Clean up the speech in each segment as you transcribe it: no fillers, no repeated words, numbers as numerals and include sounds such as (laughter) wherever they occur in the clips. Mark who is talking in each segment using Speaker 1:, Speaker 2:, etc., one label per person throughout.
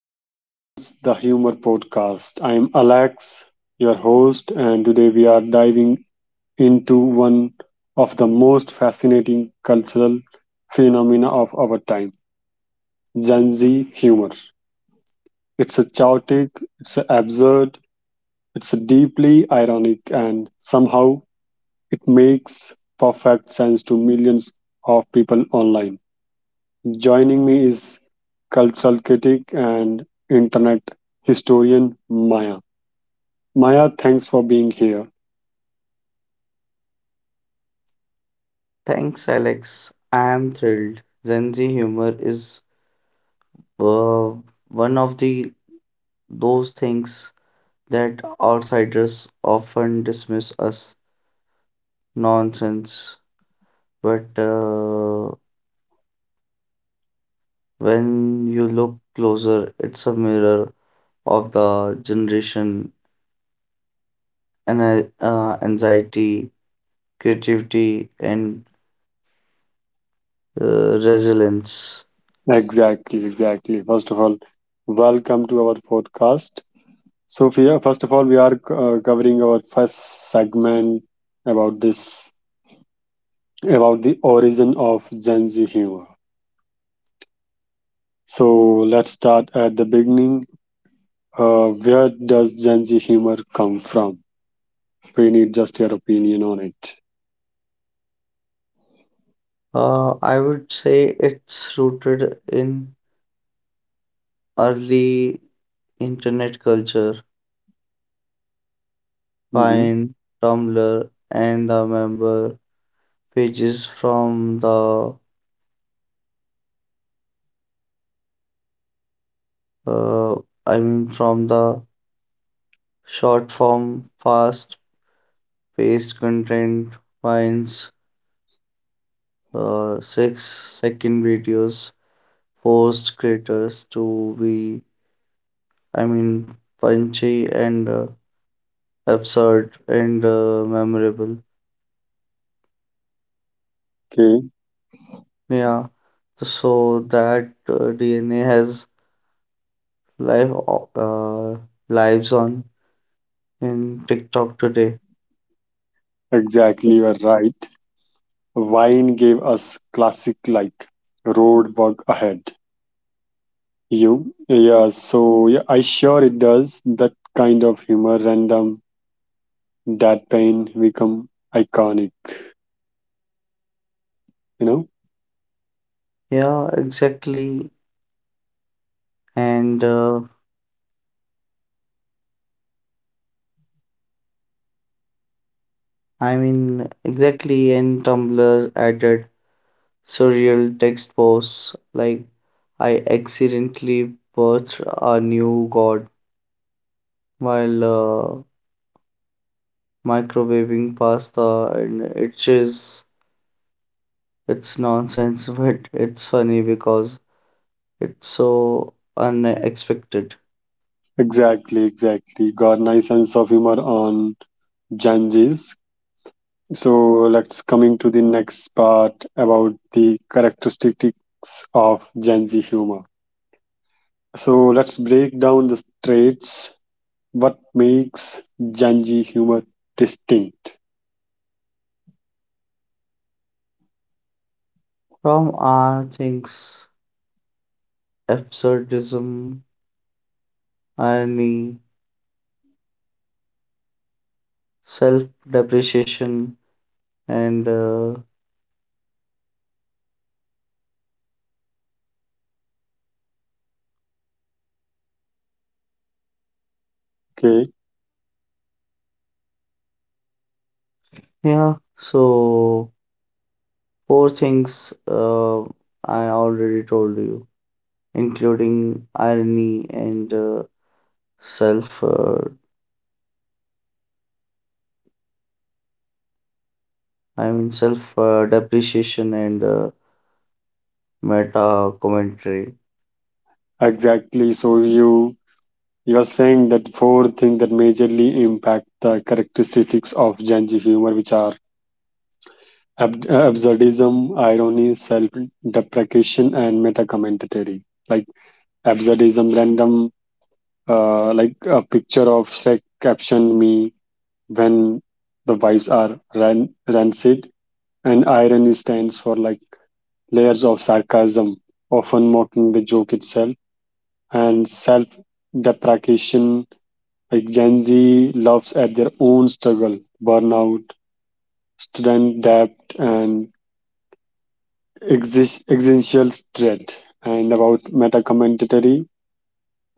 Speaker 1: Laugh Lines, the humor podcast. I'm Alex, your host, and today we are diving into one of the most fascinating cultural phenomena of our time: Gen Z humor. It's a chaotic, it's a absurd, it's a deeply ironic, and somehow it makes perfect sense to millions of people online. Joining me is cultural critic and internet historian Maya. Maya, thanks for being here.
Speaker 2: Thanks, Alex. I am thrilled. Gen Z humor is uh, one of the those things that outsiders often dismiss as nonsense, but when you look closer, it's a mirror of the generation and anxiety, creativity, and resilience.
Speaker 1: Exactly, exactly. First of all, welcome to our podcast. So, first of all, we are covering our first segment about this, about the origin of Gen Z humor. So, let's start at the beginning. Where does Gen Z humor come from? We need just your opinion on it.
Speaker 2: I would say it's rooted in early Internet culture,
Speaker 1: Mm-hmm.
Speaker 2: Vine, Tumblr, and I member pages from the uh, from the short form, fast-paced content, finds six-second videos forced creators to be I mean punchy and absurd and memorable.
Speaker 1: Okay.
Speaker 2: Yeah, so that DNA has live o- uh, lives on in TikTok today.
Speaker 1: Exactly, you are right. Wine gave us classic like road work ahead. Yeah, so yeah, I sure it does. That kind of humor, random, that pain become iconic, you know?
Speaker 2: Yeah, exactly. And exactly. And Tumblr added surreal text posts like I accidentally birthed a new god while microwaving pasta, and it's just it's nonsense, (laughs) but it's funny because it's so unexpected.
Speaker 1: Exactly, exactly. Got nice sense of humor on Janjis. So let's coming to the next part about the characteristics of Janji humor. So let's break down the traits what makes Janji humor distinct.
Speaker 2: From our things absurdism, irony, self depreciation, and
Speaker 1: Okay,
Speaker 2: yeah, so four things I already told you, including irony and self, uh, self depreciation and meta commentary.
Speaker 1: exactly. So you are saying that four things that majorly impact the characteristics of Janji humor, which are absurdism, irony, self-deprecation, and meta-commentary. Like absurdism, random, like a picture of Shrek captioned me when the vibes are rancid, and irony stands for like layers of sarcasm, often mocking the joke itself, and self deprecation. Like Gen Z laughs at their own struggle, burnout, student debt, and existential dread. And about meta commentary,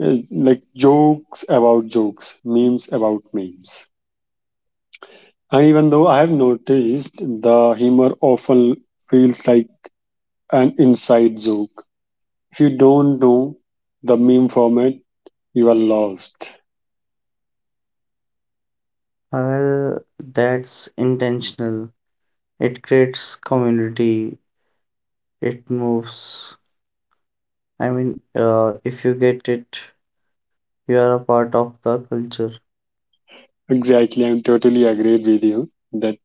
Speaker 1: like jokes about jokes, memes about memes. And even though I have noticed the humor often feels like an inside joke. If you don't know the meme format, you are lost.
Speaker 2: Well, that's intentional, it creates community, it moves. I mean, if you get it you are a part of the culture.
Speaker 1: Exactly, I'm totally agreed with you that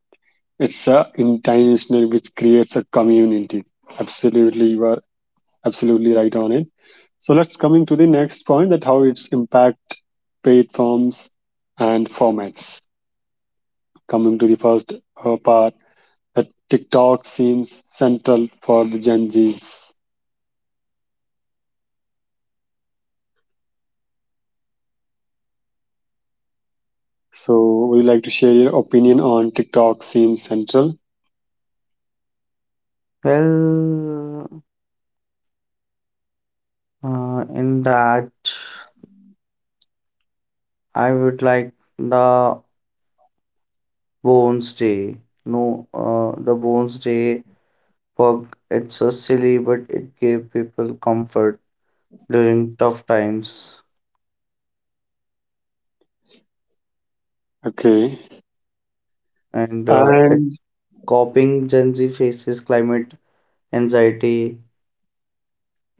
Speaker 1: it's a intentional which creates a community. Absolutely, you are absolutely right on it. So let's coming to the next point that how it's impact platforms and formats. Coming to the first part that TikTok seems central for the Gen Zs. So would you like to share your opinion on TikTok seems central?
Speaker 2: Well, in that, I would like the Bones Day. No, the Bones Day work. It's a silly, but it gave people comfort during tough times,
Speaker 1: Okay.
Speaker 2: and
Speaker 1: And
Speaker 2: it's coping Gen Z faces climate anxiety,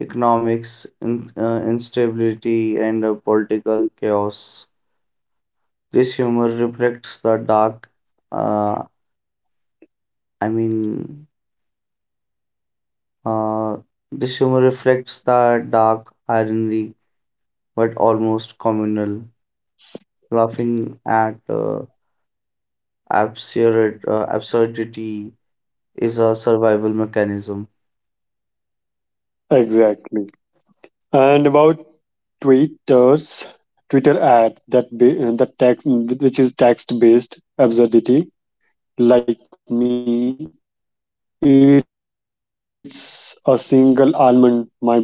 Speaker 2: economics in, instability, and political chaos. This humor reflects the uh, I mean, uh, this humor reflects the dark irony, but almost communal. Laughing at absurdity is a survival mechanism.
Speaker 1: exactly. And about Twitter's Twitter ads that text which is text based absurdity like me eats a single almond my body time to perish.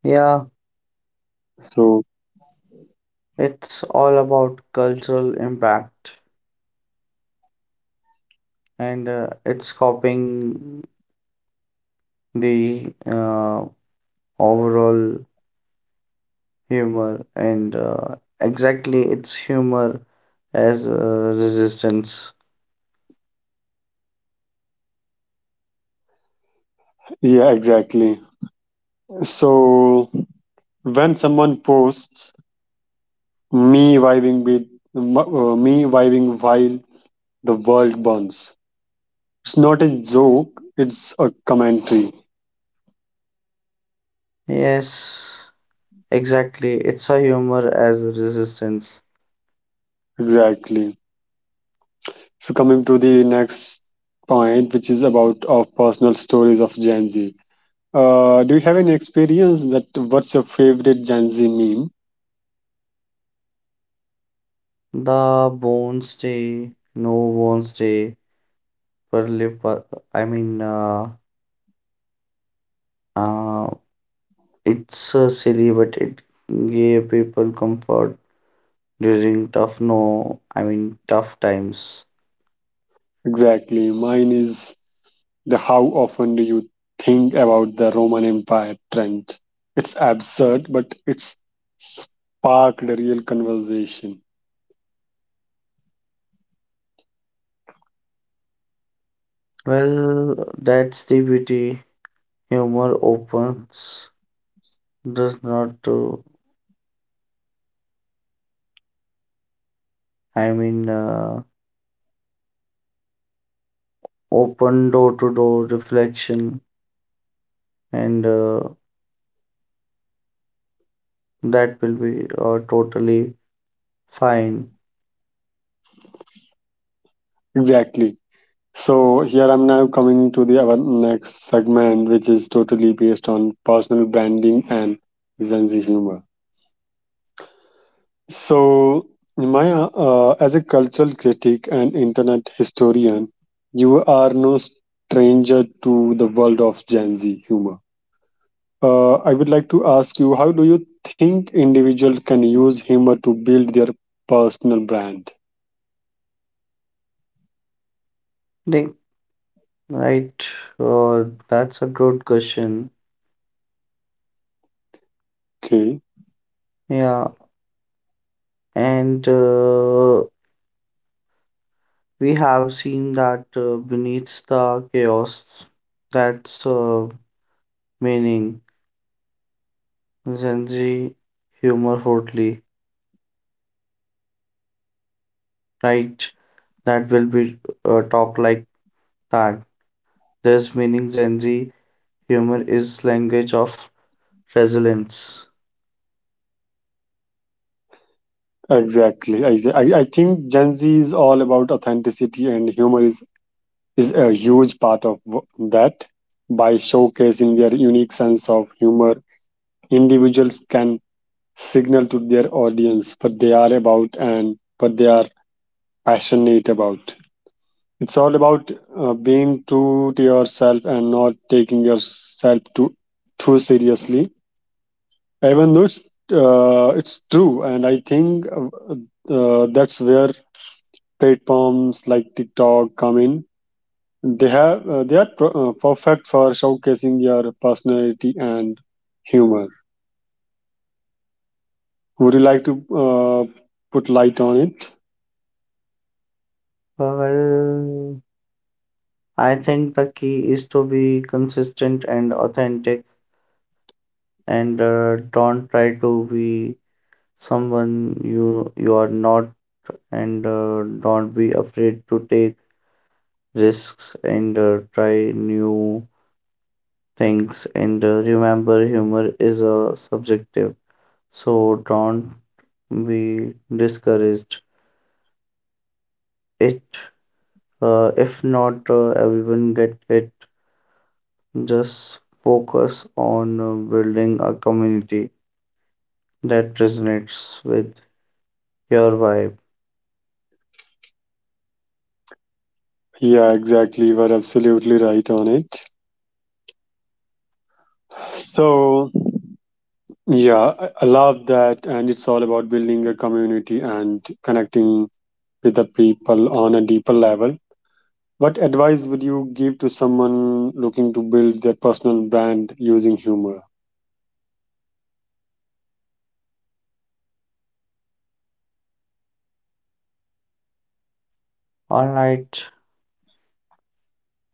Speaker 2: Yeah,
Speaker 1: So
Speaker 2: it's all about cultural impact, and it's copying the overall humor, and exactly its humor as resistance.
Speaker 1: yeah, exactly. So when someone posts me vibing with me vibing while the world burns. It's not a joke, it's a commentary.
Speaker 2: Yes. Exactly, it's a humor as resistance.
Speaker 1: Exactly. So, coming to the next point, which is about our personal stories of Gen Z. Do you have any experience that what's your favorite Gen Z meme?
Speaker 2: The bones stay, no bones stay, per lip. Per- I mean, uh, it's silly, but it gave people comfort during tough no. I mean, tough times.
Speaker 1: Exactly. Mine is the how often do you think about the Roman Empire trend? It's absurd, but it's sparked a real conversation.
Speaker 2: Well, that's the beauty. Humor opens, does not to. I mean, open door to door reflection, and that will be totally fine.
Speaker 1: Exactly. So here I'm now coming to the our next segment, which is totally based on personal branding and Gen Z humor. So my as a cultural critic and internet historian, you are no stranger to the world of Gen Z humor. I would like to ask you, how do you think individuals can use humor to build their personal brand?
Speaker 2: Like, right. That's a good question.
Speaker 1: Okay,
Speaker 2: Yeah. And we have seen that beneath the chaos, that's meaning. Gen humor fortly, right? That will be talk like that. This meaning Gen humor is language of resilience.
Speaker 1: exactly. I think Gen Z is all about authenticity and humor is a huge part of that. By showcasing their unique sense of humor, individuals can signal to their audience what they are about and what they are passionate about. It's all about being true to yourself and not taking yourself too seriously. Even though it's true, and I think that's where platforms like TikTok come in. They are perfect for showcasing your personality and humor. Would you like to put light on it?
Speaker 2: Well, I think the key is to be consistent and authentic and don't try to be someone you are not and don't be afraid to take risks and try new things and remember humor is a subjective so don't be discouraged it if not everyone get it just focus on building a community that resonates with your vibe.
Speaker 1: Yeah, exactly. You are absolutely right on it. So, yeah, I love that. And it's all about building a community and connecting with the people on a deeper level. What advice would you give to someone looking to build their personal brand using humor?
Speaker 2: All right.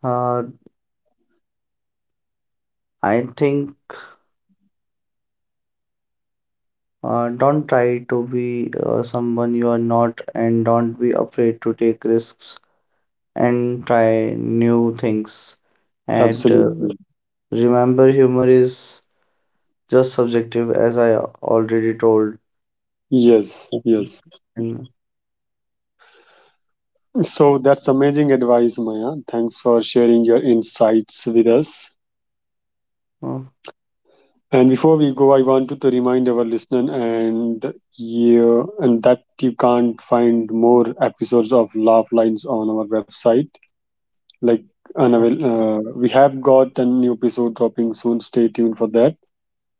Speaker 2: Uh, I think don't try to be someone you are not, and don't be afraid to take risks and try new things. And
Speaker 1: Absolutely.
Speaker 2: remember, humor is just subjective, as I already told.
Speaker 1: Yes, yes.
Speaker 2: (laughs) And,
Speaker 1: So that's amazing advice, Maya. Thanks for sharing your insights with us.
Speaker 2: uh,
Speaker 1: And before we go, I wanted to remind our listener and you and that you can't find more episodes of Laugh Lines on our website. Like
Speaker 2: uh,
Speaker 1: unavail- we have got a new episode dropping soon. Stay tuned for that.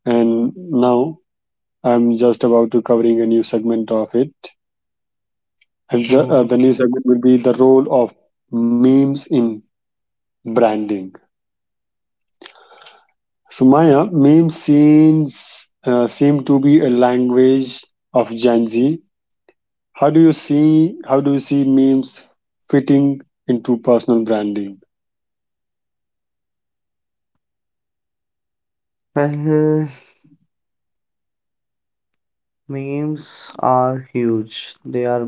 Speaker 1: And now I'm just about to covering a new segment of it. And the, uh,
Speaker 2: uh,
Speaker 1: the new segment will be the role of memes in branding. So Maya, meme scenes seem to be a language of Gen Z. How do you see memes fitting into personal branding?
Speaker 2: well, Memes are huge. They are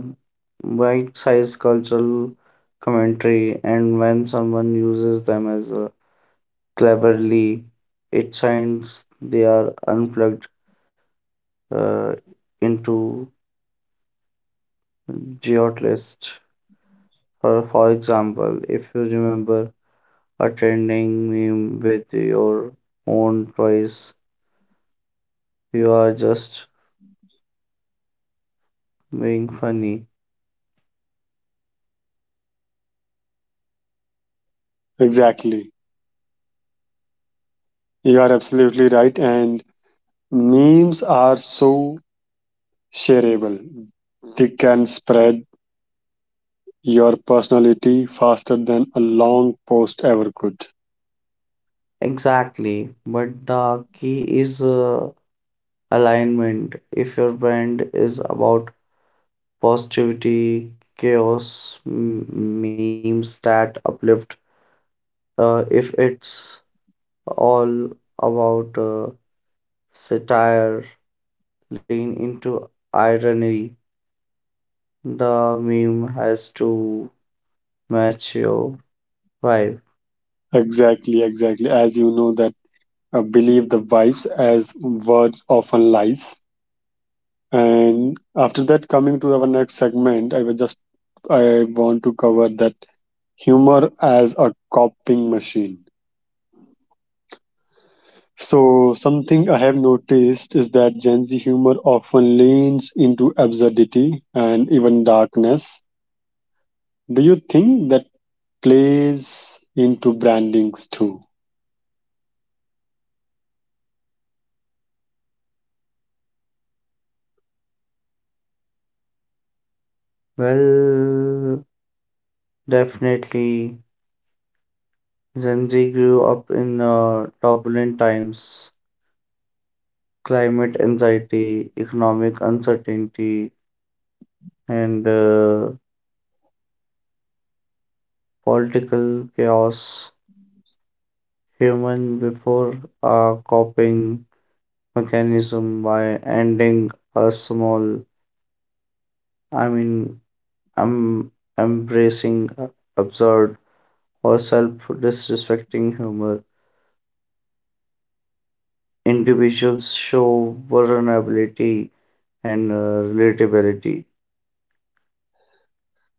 Speaker 2: bite-sized cultural commentary, and when someone uses them as a cleverly it signs they are unplugged uh, into geotlist. For example, if you remember a trending meme with your own voice, you are just being funny.
Speaker 1: Exactly. You are absolutely right. And memes are so shareable. They can spread your personality faster than a long post ever could.
Speaker 2: Exactly, but the key is alignment. If your brand is about positivity, chaos, memes that uplift, if it's all about satire lean into irony. The meme has to match your vibe.
Speaker 1: Exactly, exactly. As you know that believe the vibes as words often lies. And after that, coming to our next segment, I was just I want to cover that humor as a coping machine. So something I have noticed is that Gen Z humor often leans into absurdity and even darkness. Do you think that plays into brandings too?
Speaker 2: Well, definitely, Gen Z grew up in turbulent times, climate anxiety, economic uncertainty, and political chaos. Human before a coping mechanism by ending a small I mean, I'm embracing absurd or self disrespecting humor. Individuals show vulnerability and relatability.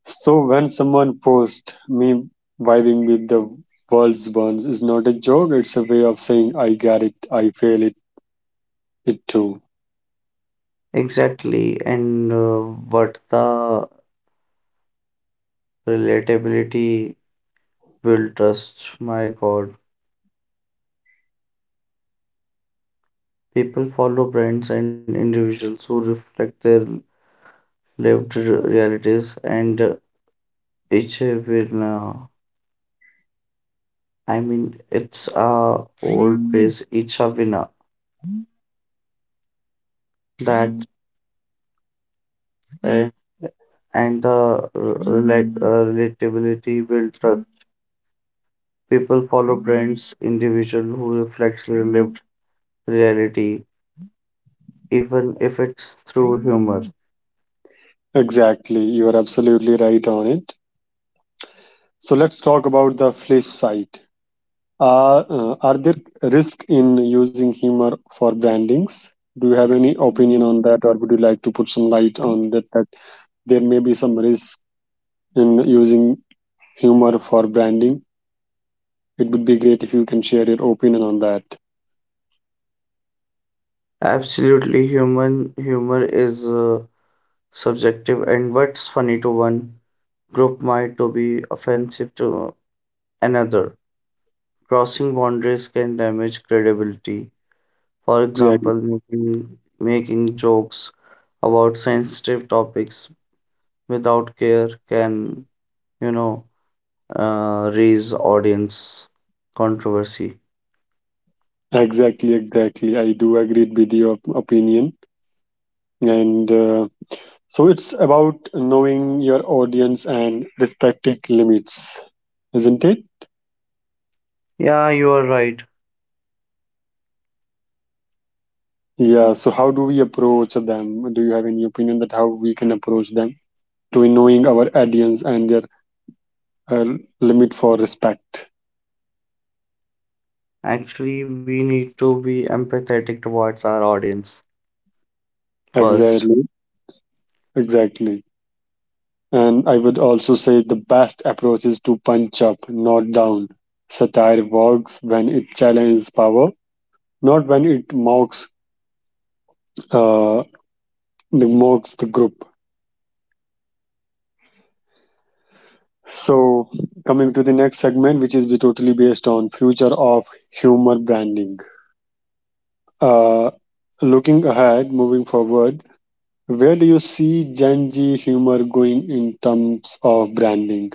Speaker 1: So when someone posts me vibing with the world's burns is not a joke, it's a way of saying I get it, I feel it, it too.
Speaker 2: Exactly, and what the relatability will trust, my God. People follow brands and individuals who reflect their lived re- realities and each will. Uh, I mean, it's a old phrase, each a winner. That uh, and the relatability build trust. People follow brands individual who reflects their lived reality, even if it's through humor.
Speaker 1: Exactly, you are absolutely right on it. So let's talk about the flip side. Are there risk in using humor for brandings? Do you have any opinion on that, or would you like to put some light on that? That there may be some risk in using humor for branding. It would be great if you can share your opinion on that.
Speaker 2: Absolutely, human humor is subjective, and what's funny to one group might to be offensive to another. Crossing boundaries can damage credibility. For
Speaker 1: Exactly,
Speaker 2: example, making jokes about sensitive topics without care can you know raise audience controversy.
Speaker 1: exactly, exactly. I do agree with your opinion, and so it's about knowing your audience and respecting limits, isn't it?
Speaker 2: Yeah, you are right.
Speaker 1: Yeah. So how do we approach them? Do you have any opinion that how we can approach them to knowing our audience and their uh, limit for respect?
Speaker 2: Actually we need to be empathetic towards our audience first.
Speaker 1: Exactly. Exactly. And I would also say the best approach is to punch up, not down. Satire works when it challenges power, not when it mocks uh, the group. So, coming to the next segment, which is be totally based on future of humor branding. Uh, Looking ahead, moving forward, where do you see Gen Z humor going in terms of branding?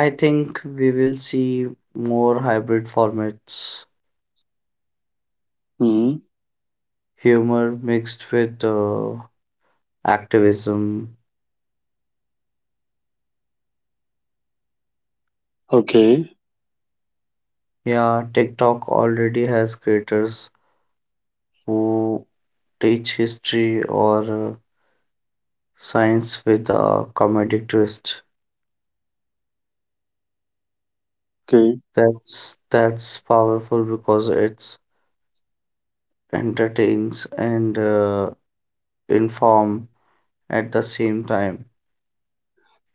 Speaker 2: I think we will see more hybrid formats,
Speaker 1: Hmm.
Speaker 2: humor mixed with activism.
Speaker 1: Okay,
Speaker 2: Yeah, TikTok already has creators who teach history or uh, science with a comedic twist.
Speaker 1: okay,
Speaker 2: That's powerful because it's entertains and inform at the same time.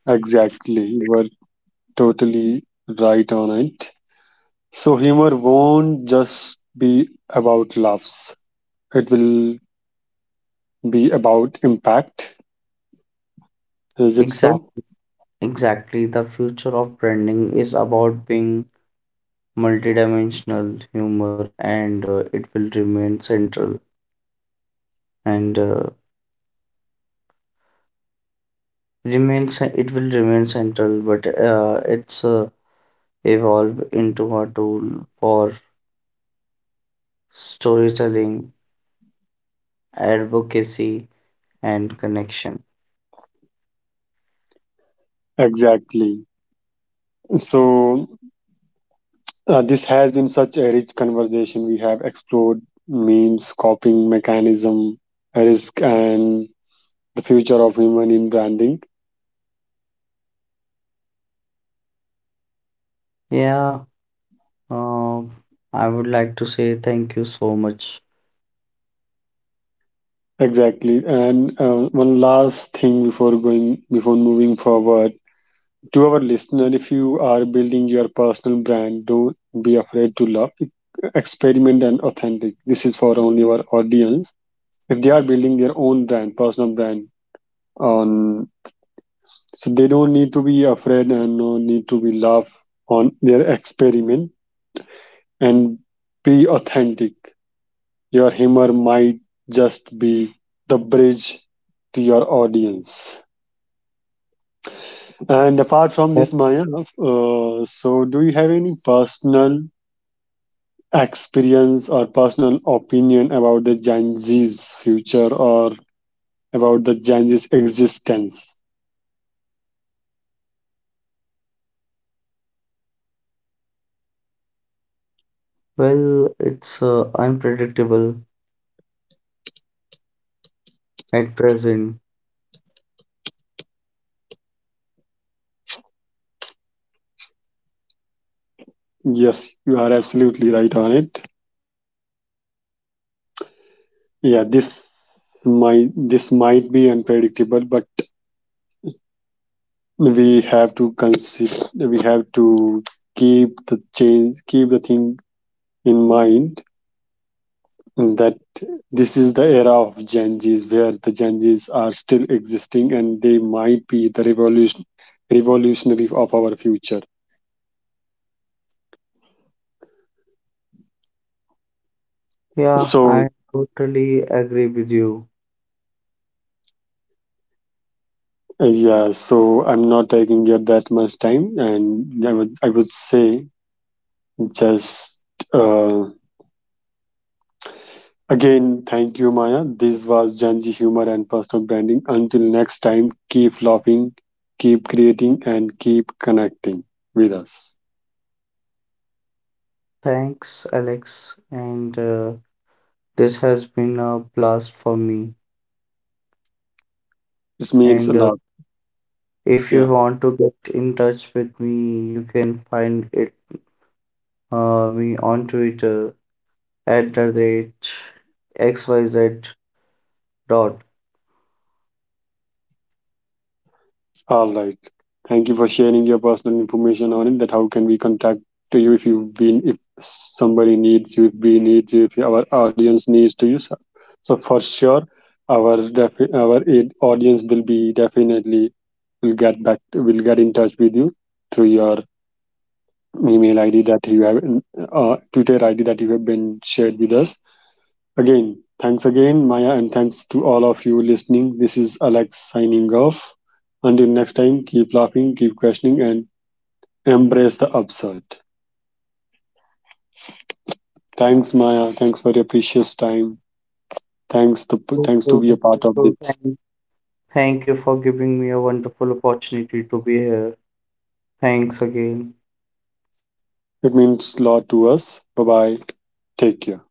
Speaker 1: exactly. You are totally right on it. So, humor won't just be about laughs; it will be about impact. Is it so?
Speaker 2: Exactly, exactly. The future of branding is about being multidimensional humor, and it will remain central. And it will remain central, but it's evolve into a tool for storytelling, advocacy, and connection.
Speaker 1: Exactly. So, this has been such a rich conversation. We have explored memes, coping mechanism, risk, and the future of human in branding.
Speaker 2: Yeah. Uh, I would like to say thank you so much.
Speaker 1: Exactly. And one last thing before moving forward, to our listener, if you are building your personal brand, don't be afraid to love, experiment, and authentic. This is for only our audience. If they are building their own brand, personal brand on, so they don't need to be afraid and no need to be laugh on their experiment and be authentic. Your humor might just be the bridge to your audience. And apart from
Speaker 2: Oh,
Speaker 1: this, Maya, so do you have any personal experience or personal opinion about the Gen Z's future or about the Gen Z's existence?
Speaker 2: well, it's unpredictable at present.
Speaker 1: Yes, you are absolutely right on it. Yeah, this might be unpredictable, but we have to keep the change, keep the thing in mind that this is the era of Gen Z's where the Gen Z's are still existing, and they might be the revolutionary of our future.
Speaker 2: Yeah,
Speaker 1: So
Speaker 2: I totally agree with you.
Speaker 1: yeah, so I'm not taking you that much time, and I would say just uh, Again, thank you, Maya. This was Gen Z humor and personal branding. Until next time, keep laughing, keep creating, and keep connecting with us.
Speaker 2: Thanks, Alex. And this has been a blast for me.
Speaker 1: It means a
Speaker 2: And
Speaker 1: lot.
Speaker 2: if you
Speaker 1: Yeah.
Speaker 2: want to get in touch with me, you can find it me on Twitter at the rate xyz dot.
Speaker 1: All right. Thank you for sharing your personal information on it. That how can we contact to you if somebody needs you, if we need you, if our audience needs to you. So, for sure, our audience will be definitely will get back. Will get in touch with you through your email id that you have twitter id that you have been shared with us. Again, thanks again, Maya, and thanks to all of you listening. This is Alex signing off. Until next time, keep laughing, keep questioning, and embrace the absurd. Thanks, Maya. Thanks for your precious time. thanks the
Speaker 2: so,
Speaker 1: Thanks
Speaker 2: so,
Speaker 1: to be a part of
Speaker 2: so,
Speaker 1: this.
Speaker 2: Thank you for giving me a wonderful opportunity to be here. Thanks again.
Speaker 1: It means a lot to us. Bye bye, take care.